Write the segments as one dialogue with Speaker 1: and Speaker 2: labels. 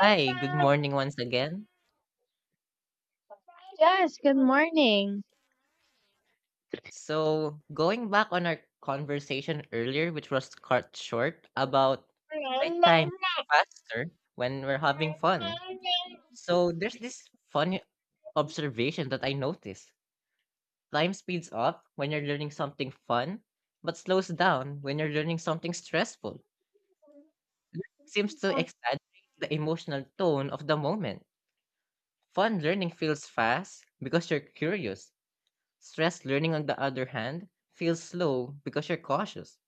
Speaker 1: Hi, good morning once again.
Speaker 2: Yes, good morning.
Speaker 1: So, going back on our conversation earlier, which was cut short, about why time faster when we're having fun. So, there's this funny observation that I noticed. Time speeds up when you're learning something fun, but slows down when you're learning something stressful. Seems to exaggerate the emotional tone of the moment. Fun learning feels fast because you're curious. Stress learning, on the other hand, feels slow because you're cautious.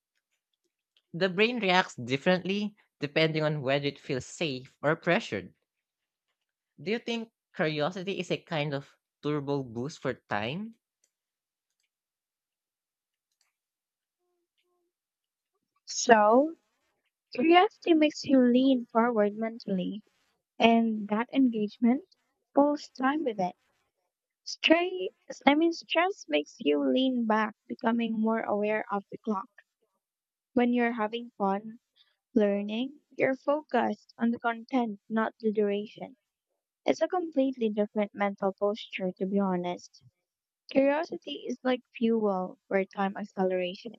Speaker 1: The brain reacts differently depending on whether it feels safe or pressured. Do you think curiosity is a kind of turbo boost for time?
Speaker 2: So, curiosity makes you lean forward mentally, and that engagement pulls time with it. Straight, Stress makes you lean back, becoming more aware of the clock. When you're having fun learning, you're focused on the content, not the duration. It's a completely different mental posture, to be honest. Curiosity is like fuel for time acceleration.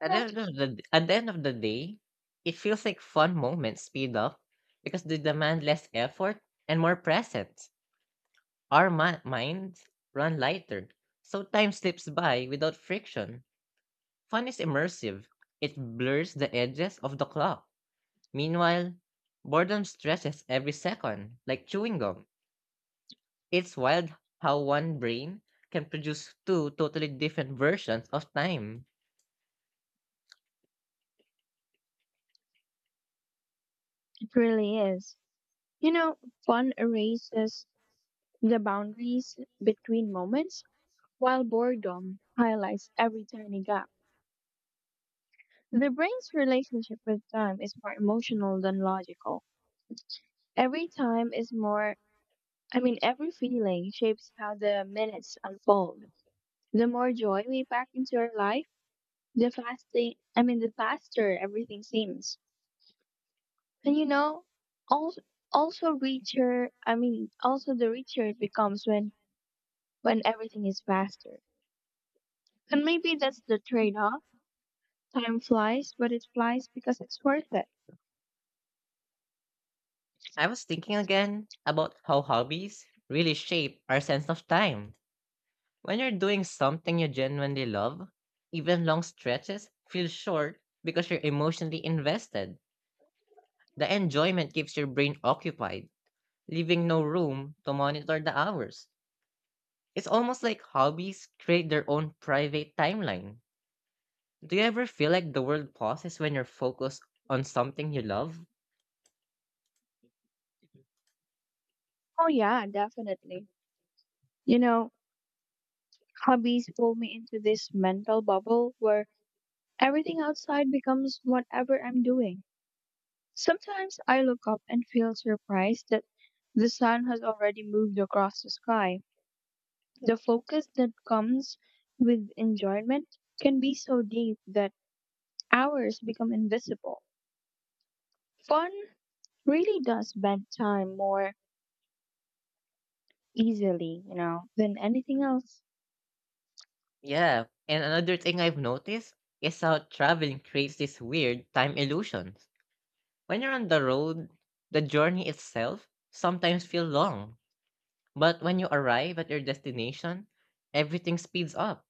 Speaker 1: At the end
Speaker 2: It
Speaker 1: of the, at the, end of the day, it feels like fun moments speed up because they demand less effort and more presence. Our minds run lighter, so time slips by without friction. Fun is immersive, it blurs the edges of the clock. Meanwhile, boredom stretches every second, like chewing gum. It's wild how one brain can produce two totally different versions of time.
Speaker 2: really is. You know, fun erases the boundaries between moments, while boredom highlights every tiny gap. The brain's relationship with time is more emotional than logical. Every time is more, I mean, Every feeling shapes how the minutes unfold. The more joy we pack into our life, the faster everything seems. And you know, also also richer. Also the richer it becomes when everything is faster. And maybe that's the trade-off. Time flies, but it flies because it's worth it.
Speaker 1: I was thinking again about how hobbies really shape our sense of time. When you're doing something you genuinely love, even long stretches feel short because you're emotionally invested. The enjoyment keeps your brain occupied, leaving no room to monitor the hours. It's almost like hobbies create their own private timeline. Do you ever feel like the world pauses when you're focused on something you love?
Speaker 2: Oh yeah, definitely. You know, hobbies pull me into this mental bubble where everything outside becomes whatever I'm doing. Sometimes I look up and feel surprised that the sun has already moved across the sky. The focus that comes with enjoyment can be so deep that hours become invisible. Fun really does bend time more easily, you know, than anything else.
Speaker 1: Yeah, and another thing I've noticed is how traveling creates this weird time illusion. When you're on the road, the journey itself sometimes feels long, but when you arrive at your destination, everything speeds up.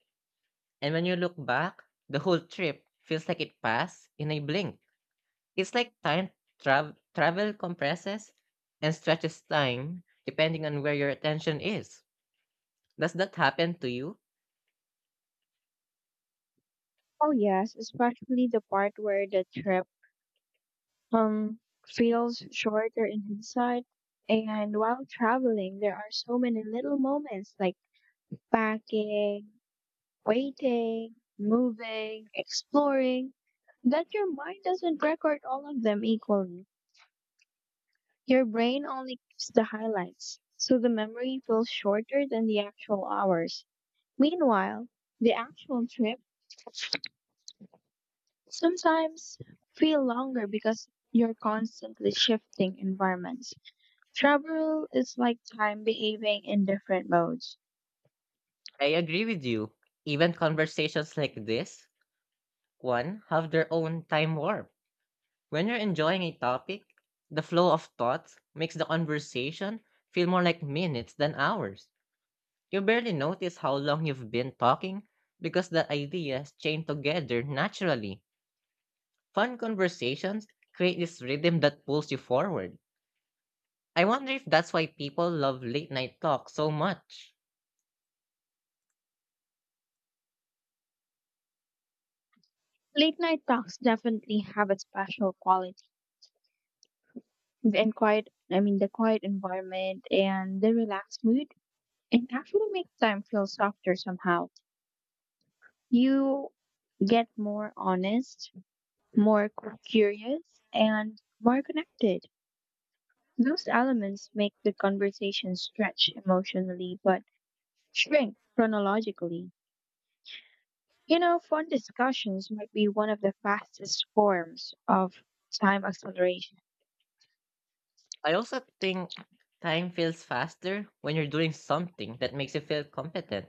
Speaker 1: And when you look back, the whole trip feels like it passed in a blink. It's like time travel compresses and stretches time depending on where your attention is. Does that happen to you?
Speaker 2: Oh yes, especially the part where the trip um feels shorter in hindsight. And while traveling, there are so many little moments like packing, waiting, moving, exploring that your mind doesn't record all of them equally. Your brain only keeps the highlights, so the memory feels shorter than the actual hours. Meanwhile, the actual trip sometimes feel longer because you're constantly shifting environments. Travel is like time behaving in different modes.
Speaker 1: I agree with you. Even conversations like this, one, have their own time warp. When you're enjoying a topic, the flow of thoughts makes the conversation feel more like minutes than hours. You barely notice how long you've been talking because the ideas chain together naturally. Fun conversations create this rhythm that pulls you forward. I wonder if that's why people love late night talk so much.
Speaker 2: Late night talks definitely have a special quality and quiet I mean the quiet environment and the relaxed mood, it actually makes time feel softer somehow. You get more honest, more curious, and more connected. Those elements make the conversation stretch emotionally but shrink chronologically. You know, fun discussions might be one of the fastest forms of time acceleration.
Speaker 1: I also think time feels faster when you're doing something that makes you feel competent.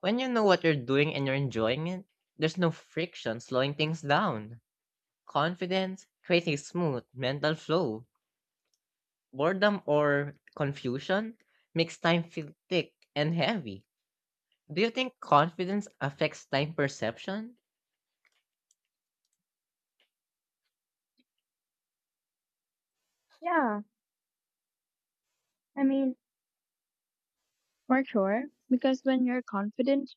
Speaker 1: When you know what you're doing and you're enjoying it, there's no friction slowing things down. Confidence creates a smooth mental flow. Boredom or confusion makes time feel thick and heavy. Do you think confidence affects time perception?
Speaker 2: Yeah, I mean, for sure, because when you're confident,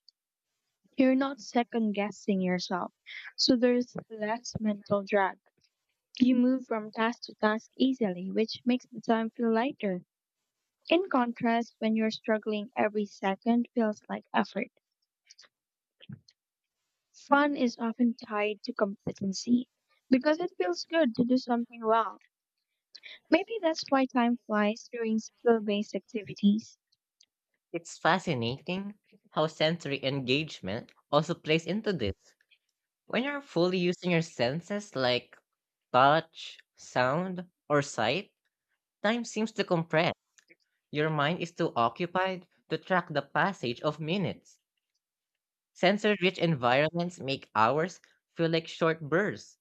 Speaker 2: you're not second guessing yourself, so there's less mental drag. You move from task to task easily, which makes the time feel lighter. In contrast, when you're struggling, every second feels like effort. Fun is often tied to competency because it feels good to do something well. Maybe that's why time flies during skill based activities.
Speaker 1: It's fascinating how sensory engagement also plays into this. When you're fully using your senses like touch, sound, or sight, time seems to compress. Your mind is too occupied to track the passage of minutes. Sensory rich environments make hours feel like short bursts.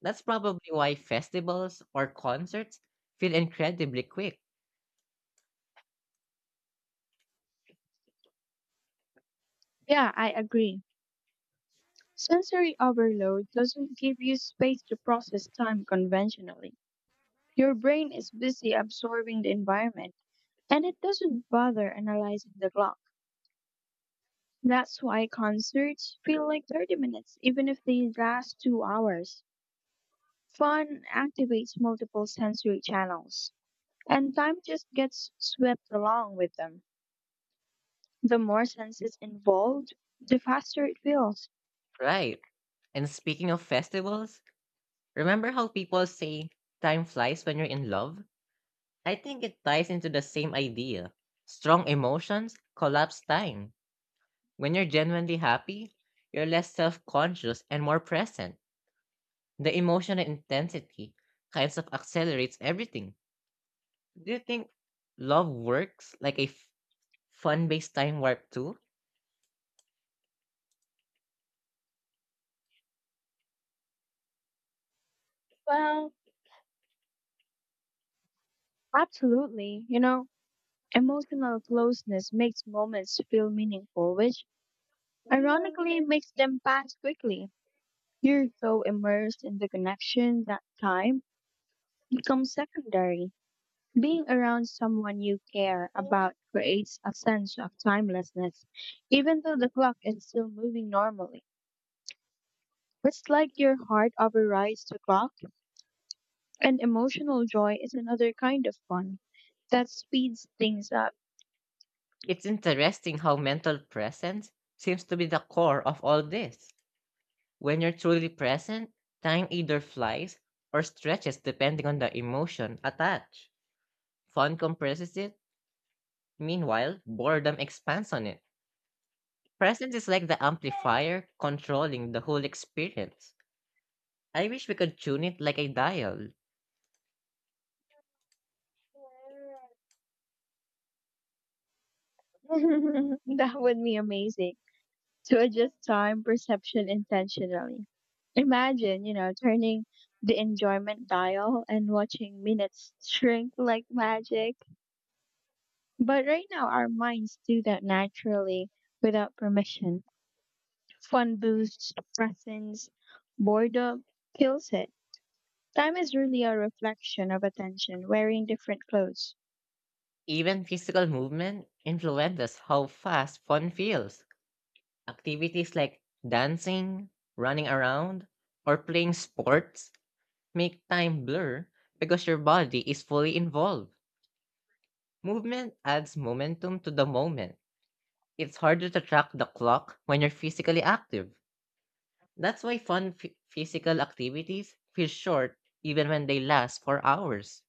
Speaker 1: That's probably why festivals or concerts feel incredibly quick,
Speaker 2: Yeah, I agree. Sensory overload doesn't give you space to process time conventionally. Your brain is busy absorbing the environment, and it doesn't bother analyzing the clock. That's why concerts feel like 30 minutes, even if they last 2 hours. Fun activates multiple sensory channels, and time just gets swept along with them. The more senses involved, the faster it feels.
Speaker 1: right? And speaking of festivals, remember how people say time flies when you're in love? I think it ties into the same idea. Strong emotions collapse time. When you're genuinely happy, you're less self conscious and more present. The emotional intensity kinds of accelerates everything. Do you think love works like a fun based time warp too?
Speaker 2: Well, absolutely. You know, emotional closeness makes moments feel meaningful, which ironically makes them pass quickly. You're so immersed in the connection that time becomes secondary. Being around someone you care about creates a sense of timelessness, even though the clock is still moving normally. It's like your heart overrides the clock, and emotional joy is another kind of fun that speeds things up.
Speaker 1: It's interesting how mental presence seems to be the core of all this. When you're truly present, time either flies or stretches depending on the emotion attached. Fun compresses it. Meanwhile, boredom expands on it. Presence is like the amplifier controlling the whole experience. I wish we could tune it like a dial.
Speaker 2: That would be amazing to adjust time perception intentionally. Imagine, you know, turning the enjoyment dial and watching minutes shrink like magic. But right now, our minds do that naturally without permission. Fun boosts presence, boredom kills it. Time is really a reflection of attention, wearing different clothes.
Speaker 1: Even physical movement influences how fast fun feels. Activities like dancing, running around, or playing sports make time blur because your body is fully involved. Movement adds momentum to the moment. It's harder to track the clock when you're physically active. That's why fun physical activities feel short even when they last for hours.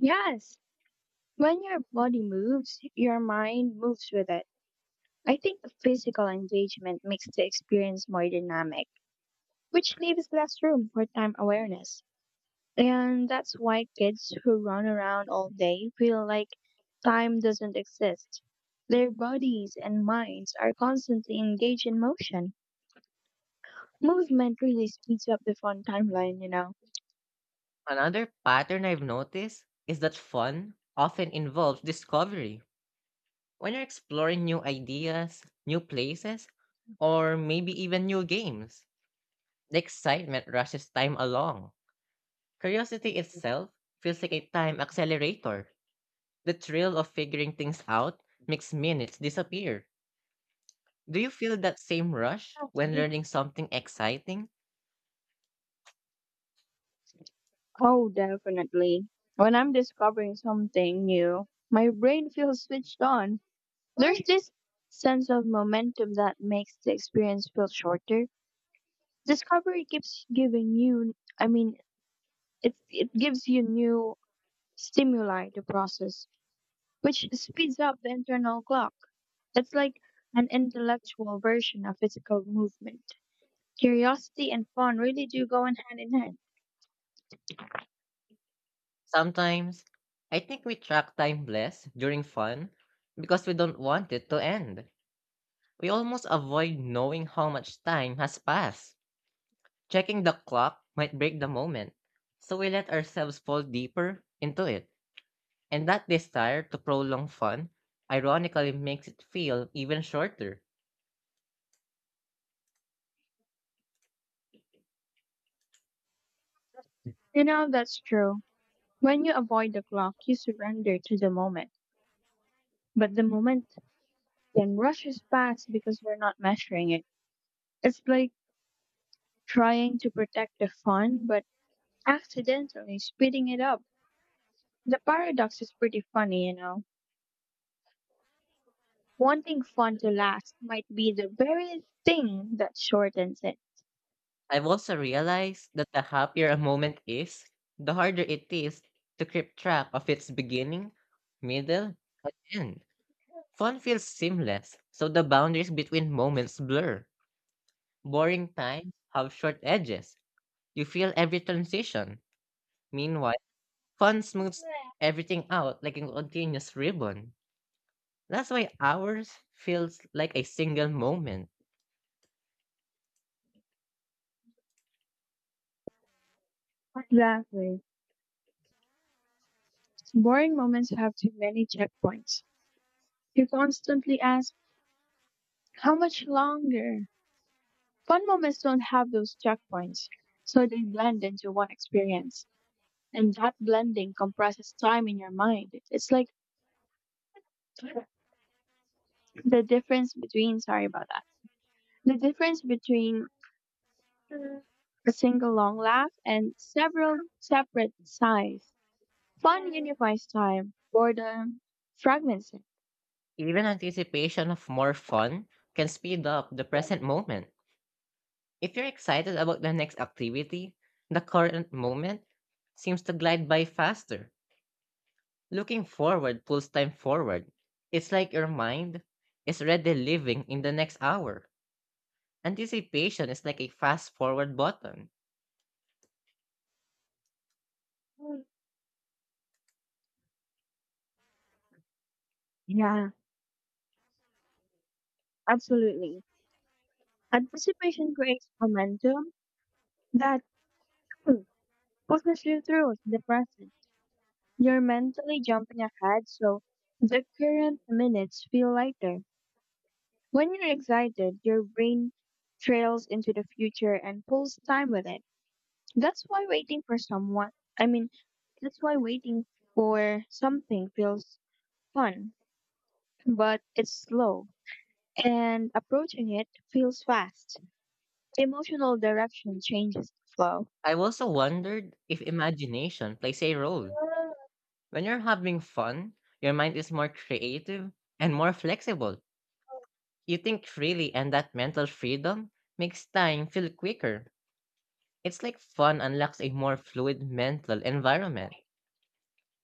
Speaker 2: Yes, when your body moves, your mind moves with it. I think the physical engagement makes the experience more dynamic, which leaves less room for time awareness. And that's why kids who run around all day feel like time doesn't exist. Their bodies and minds are constantly engaged in motion. Movement really speeds up the fun timeline, you know.
Speaker 1: Another pattern I've noticed is that fun often involves discovery. When you're exploring new ideas, new places, or maybe even new games, the excitement rushes time along. Curiosity itself feels like a time accelerator. The thrill of figuring things out makes minutes disappear. Do you feel that same rush when learning something exciting?
Speaker 2: Oh, definitely. When I'm discovering something new, my brain feels switched on. There's this sense of momentum that makes the experience feel shorter. Discovery keeps giving you, I mean, it gives you new stimuli to process, which speeds up the internal clock. It's like an intellectual version of physical movement. Curiosity and fun really do go in hand in hand.
Speaker 1: Sometimes, I think we track time less during fun because we don't want it to end. We almost avoid knowing how much time has passed. Checking the clock might break the moment, so we let ourselves fall deeper into it. And that desire to prolong fun ironically makes it feel even shorter.
Speaker 2: You know, that's true. When you avoid the clock, you surrender to the moment. But the moment then rushes past because you're not measuring it. It's like trying to protect the fun, but accidentally speeding it up. The paradox is pretty funny, you know. Wanting fun to last might be the very thing that shortens it.
Speaker 1: I've also realized that the happier a moment is, the harder it is to keep track of its beginning, middle, and end. Fun feels seamless, so the boundaries between moments blur. Boring times have short edges. You feel every transition. Meanwhile, fun smooths everything out like a continuous ribbon. That's why ours feels like a single moment.
Speaker 2: Exactly. Boring moments have too many checkpoints. You constantly ask, how much longer? Fun moments don't have those checkpoints, so they blend into one experience. And that blending compresses time in your mind. It's like sorry about that, the difference between mm, a single long laugh and several separate sighs. Fun unifies time, boredom fragments it.
Speaker 1: Even anticipation of more fun can speed up the present moment. If you're excited about the next activity, the current moment seems to glide by faster. Looking forward pulls time forward. It's like your mind is already living in the next hour. Anticipation is like a fast forward button.
Speaker 2: Yeah, absolutely. Anticipation creates momentum. At too pushes you through the present. You're mentally jumping ahead, so the current minutes feel lighter. When you're excited, your brain trails into the future and pulls time with it. That's why waiting for someone, I mean, that's why waiting for something feels fun, but it's slow, and approaching it feels fast. Emotional direction changes the flow.
Speaker 1: I've also wondered if imagination plays a role. When you're having fun, your mind is more creative and more flexible. You think freely, and that mental freedom makes time feel quicker. It's like fun unlocks a more fluid mental environment.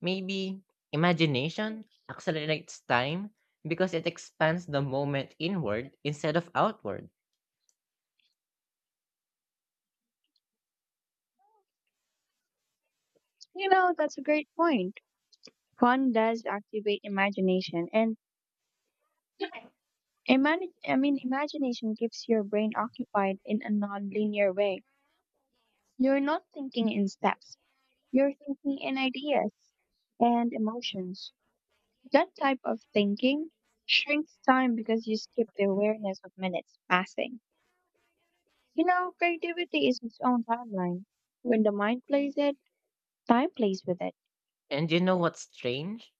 Speaker 1: Maybe imagination accelerates time because it expands the moment inward instead of outward.
Speaker 2: You know, that's a great point. Fun does activate imagination, and imagination keeps your brain occupied in a non-linear way. You're not thinking in steps, you're thinking in ideas and emotions. That type of thinking shrinks time because you skip the awareness of minutes passing. You know, creativity is its own timeline. When the mind plays it, time plays with it.
Speaker 1: And you know what's strange?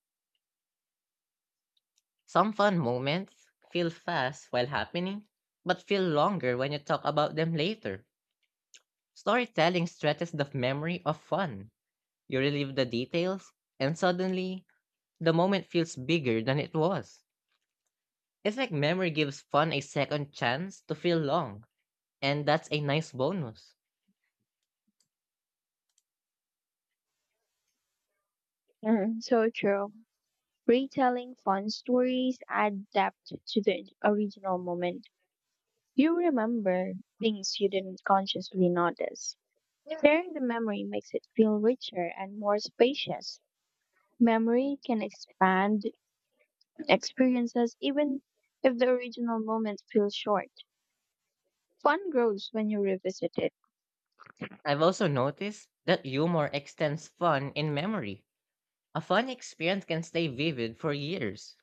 Speaker 1: Some fun moments feel fast while happening, but feel longer when you talk about them later. Storytelling stretches the memory of fun. You relive the details, and suddenly, the moment feels bigger than it was. It's like memory gives fun a second chance to feel long, and that's a nice bonus.
Speaker 2: Mm, so true. Retelling fun stories add depth to the original moment. You remember things you didn't consciously notice. Sharing the memory makes it feel richer and more spacious. Memory can expand experiences even if the original moment feels short. Fun grows when you revisit it.
Speaker 1: I've also noticed that humor extends fun in memory. A fun experience can stay vivid for years.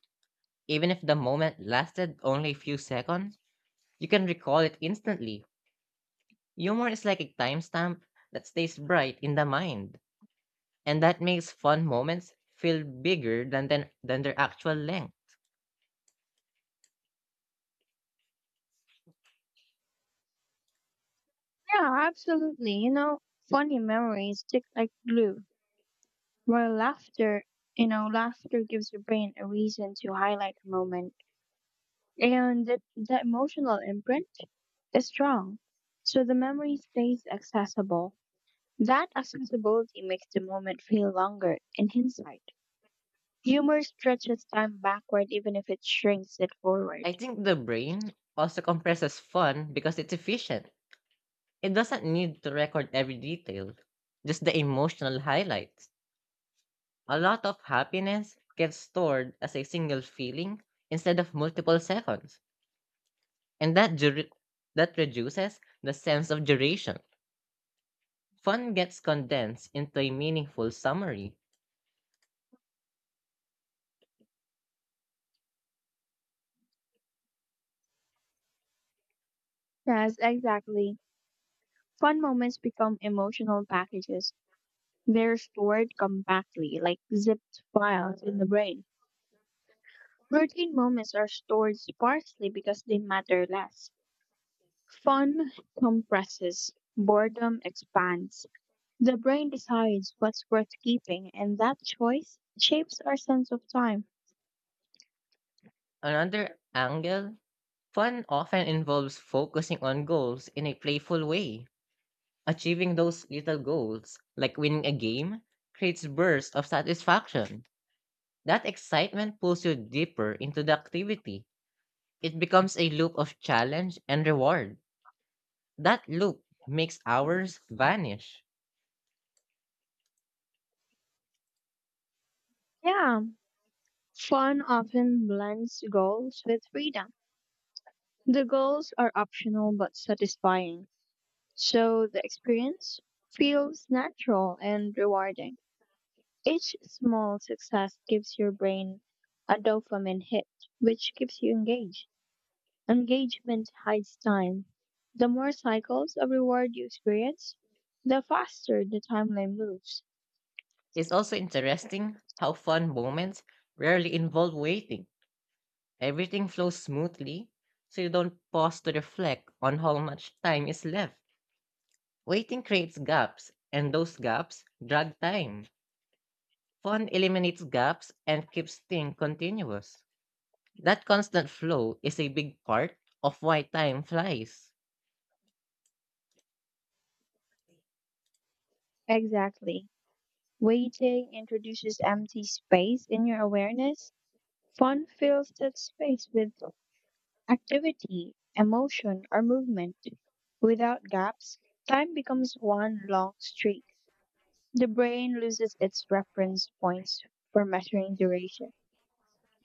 Speaker 1: Even if the moment lasted only a few seconds, you can recall it instantly. Humor is like a timestamp that stays bright in the mind, and that makes fun moments feel bigger than their actual length.
Speaker 2: Yeah, absolutely. You know, funny memories stick like glue, while laughter, you know, laughter gives your brain a reason to highlight a moment. And the emotional imprint is strong. So the memory stays accessible. That accessibility makes the moment feel longer in hindsight. Humor stretches time backward even if it shrinks it
Speaker 1: I
Speaker 2: forward.
Speaker 1: think the brain also compresses fun because it's efficient. It doesn't need to record every detail, just the emotional highlights. A lot of happiness gets stored as a single feeling instead of multiple seconds, and that reduces the sense of duration. Fun gets condensed into a meaningful summary.
Speaker 2: Yes, exactly. Fun moments become emotional packages. They're stored compactly, like zipped files in the brain. Routine moments are stored sparsely because they matter less. Fun compresses, boredom expands. The brain decides what's worth keeping, and that choice shapes our sense of time.
Speaker 1: Another angle, fun often involves focusing on goals in a playful way. Achieving those little goals, like winning a game, creates bursts of satisfaction. That excitement pulls you deeper into the activity. It becomes a loop of challenge and reward. That loop makes hours vanish.
Speaker 2: Yeah, fun often blends goals with freedom. The goals are optional but satisfying, so the experience feels natural and rewarding. Each small success gives your brain a dopamine hit, which keeps you engaged. Engagement hides time. The more cycles of reward you experience, the faster the timeline moves.
Speaker 1: It's also interesting how fun moments rarely involve waiting. Everything flows smoothly, so you don't pause to reflect on how much time is left. Waiting creates gaps, and those gaps drag time. Fun eliminates gaps and keeps things continuous. That constant flow is a big part of why time flies.
Speaker 2: Exactly. Waiting introduces empty space in your awareness. Fun fills that space with activity, emotion, or movement. Without gaps, time becomes one long streak. The brain loses its reference points for measuring duration.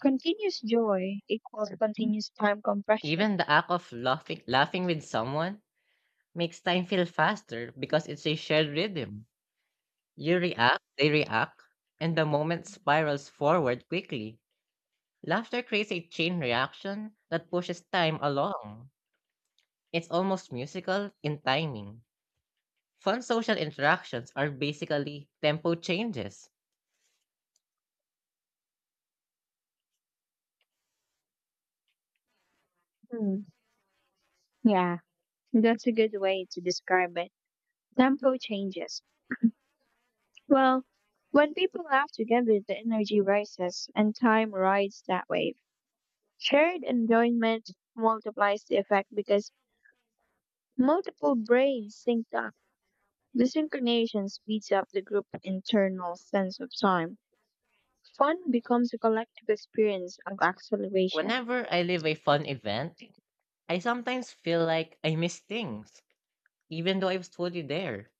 Speaker 2: Continuous joy equals continuous time compression.
Speaker 1: Even the act of laughing with someone makes time feel faster because it's a shared rhythm. You react, they react, and the moment spirals forward quickly. Laughter creates a chain reaction that pushes time along. It's almost musical in timing. Fun social interactions are basically tempo changes.
Speaker 2: Hmm. Yeah, that's a good way to describe it. Tempo changes. Well, when people laugh together, the energy rises and time rides that wave. Shared enjoyment multiplies the effect because multiple brains sync up. The synchronization speeds up the group's internal sense of time. Fun becomes a collective experience of acceleration.
Speaker 1: Whenever I live a fun event, I sometimes feel like I miss things, even though I was fully there.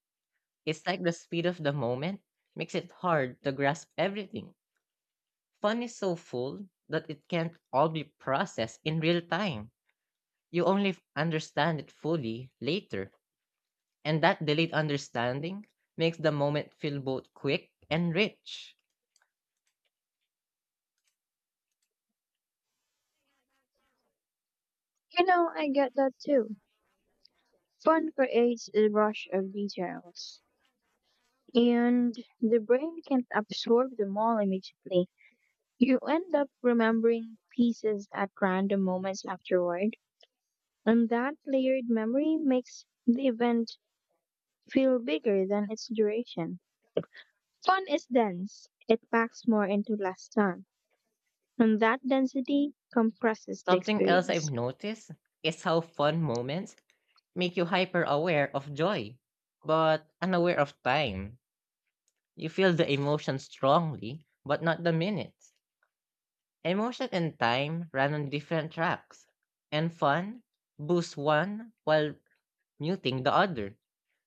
Speaker 1: It's like the speed of the moment makes it hard to grasp everything. Fun is so full that it can't all be processed in real time. You only understand it fully later, and that delayed understanding makes the moment feel both quick and rich.
Speaker 2: You know, I get that too. Fun creates a rush of details. And the brain can't absorb them all immediately. You end up remembering pieces at random moments afterward, and that layered memory makes the event feel bigger than its duration. Fun is dense, it packs more into less time, and that density compresses the
Speaker 1: Something else I've
Speaker 2: experience.
Speaker 1: noticed is how fun moments make you hyper aware of joy, but unaware of time. You feel the emotion strongly, but not the minutes. Emotion and time run on different tracks, and fun boosts one while muting the other.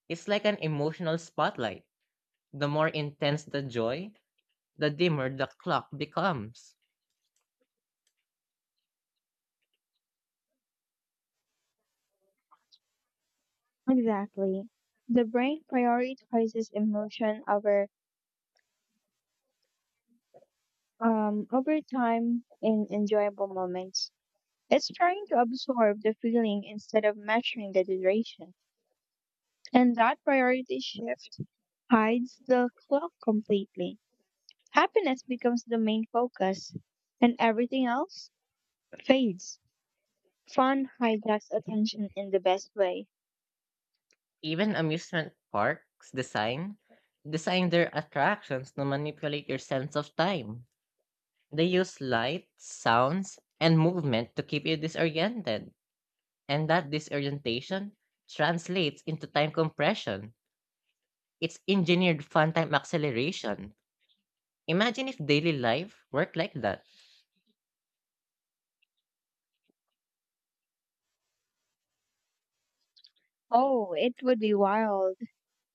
Speaker 1: It's like an emotional spotlight. The more intense the joy, the dimmer the clock becomes.
Speaker 2: Exactly. The brain prioritizes emotion over over time in enjoyable moments. It's trying to absorb the feeling instead of measuring the duration. And that priority shift hides the clock completely. Happiness becomes the main focus, and everything else fades. Fun hijacks attention in the best way.
Speaker 1: Even amusement parks design their attractions to manipulate your sense of time. They use light, sounds, and movement to keep you disoriented, and that disorientation translates into time compression. It's engineered fun time acceleration. Imagine if daily life worked like that.
Speaker 2: Oh, it would be wild.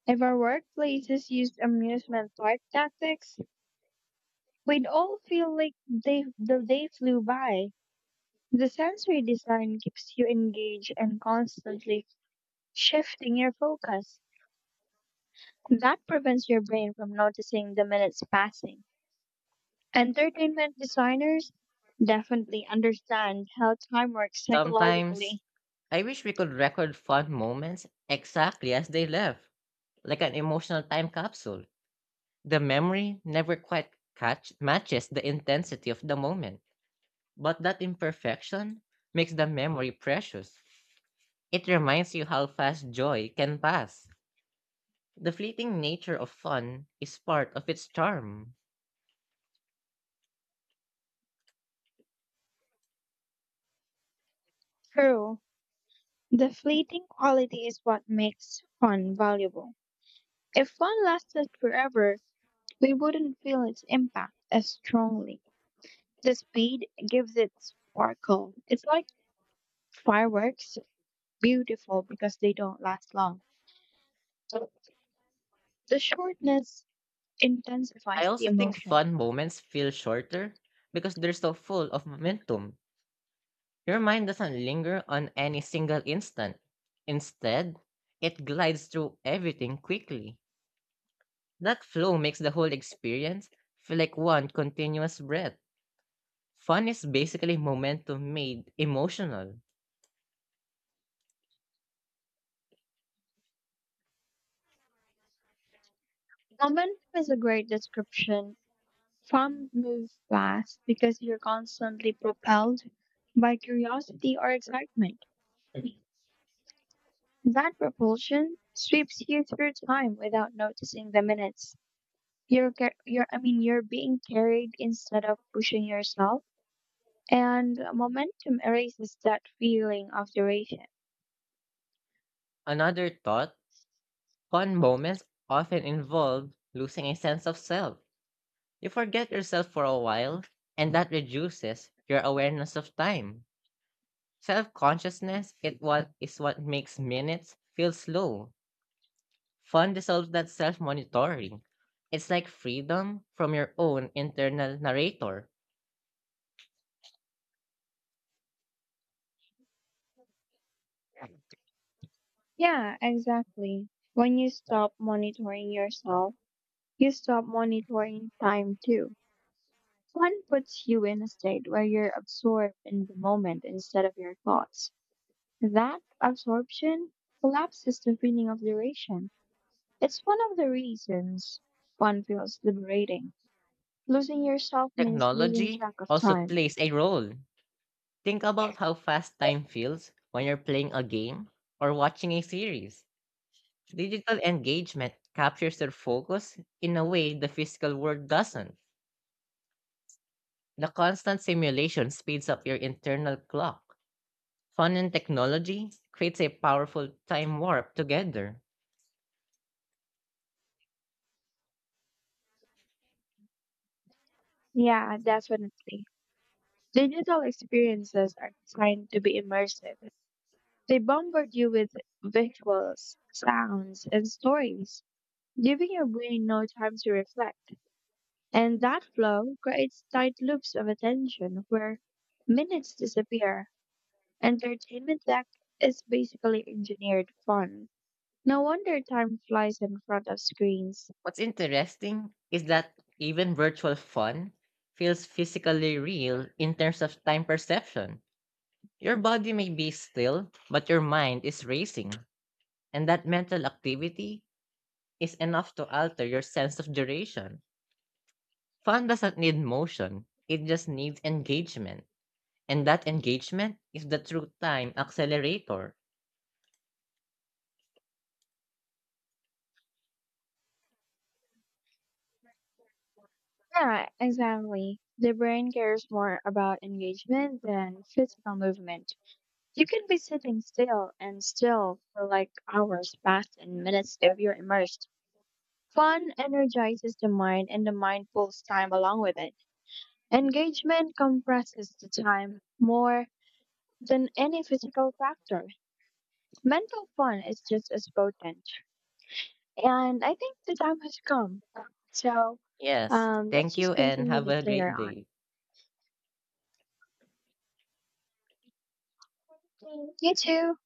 Speaker 2: If our workplaces used amusement park tactics, we'd all feel like the day flew by. The sensory design keeps you engaged and constantly shifting your focus. That prevents your brain from noticing the minutes passing. Entertainment designers definitely understand how time works
Speaker 1: Sometimes
Speaker 2: psychologically.
Speaker 1: I wish we could record fun moments exactly as they left, like an emotional time capsule. The memory never quite catch matches the intensity of the moment, but that imperfection makes the memory precious. It reminds you how fast joy can pass. The fleeting nature of fun is part of its charm.
Speaker 2: True, the fleeting quality is what makes fun valuable. If fun lasted forever, we wouldn't feel its impact as strongly. The speed gives it sparkle. It's like fireworks, beautiful because they don't last long. The shortness
Speaker 1: I
Speaker 2: intensifies the
Speaker 1: also think
Speaker 2: emotion.
Speaker 1: fun moments feel shorter because they're so full of momentum. Your mind doesn't linger on any single instant. Instead, it glides through everything quickly. That flow makes the whole experience feel like one continuous breath. Fun is basically momentum made emotional.
Speaker 2: Momentum is a great description. Some move fast because you're constantly propelled by curiosity or excitement. That propulsion sweeps you through time without noticing the minutes. You're, car- you're, I mean, You're being carried instead of pushing yourself, and momentum erases that feeling of duration.
Speaker 1: Another thought, fun moments often involve losing a sense of self. You forget yourself for a while, and that reduces your awareness of time. Self consciousness it what is what makes minutes feel slow. Fun dissolves that self monitoring. It's like freedom from your own internal narrator.
Speaker 2: Yeah, exactly. When you stop monitoring yourself, you stop monitoring time too. Fun puts you in a state where you're absorbed in the moment instead of your thoughts. That absorption collapses the feeling of duration. It's one of the reasons fun feels liberating. Losing yourself means losing
Speaker 1: Technology
Speaker 2: track of
Speaker 1: also
Speaker 2: time.
Speaker 1: plays a role. Think about how fast time feels when you're playing a game or watching a series. Digital engagement captures your focus in a way the physical world doesn't. The constant simulation speeds up your internal clock. Fun and technology creates a powerful time warp together.
Speaker 2: Yeah, definitely. Digital experiences are designed to be immersive. They bombard you with visuals, sounds, and stories, giving your brain no time to reflect. And that flow creates tight loops of attention where minutes disappear. Entertainment tech is basically engineered fun. No wonder time flies in front of screens.
Speaker 1: What's interesting is that even virtual fun feels physically real in terms of time perception. Your body may be still, but your mind is racing, and that mental activity is enough to alter your sense of duration. Fun doesn't need motion, it just needs engagement. And that engagement is the true time accelerator.
Speaker 2: Yeah, exactly. The brain cares more about engagement than physical movement. You can be sitting still and still for like hours past and minutes if you're immersed. Fun energizes the mind and the mind pulls time along with it. Engagement compresses the time more than any physical factor. Mental fun is just as potent. And I think the time has come. So
Speaker 1: Yes,
Speaker 2: let's
Speaker 1: thank
Speaker 2: just
Speaker 1: you and
Speaker 2: continue
Speaker 1: have
Speaker 2: this
Speaker 1: a
Speaker 2: later
Speaker 1: great
Speaker 2: on.
Speaker 1: day.
Speaker 2: You too.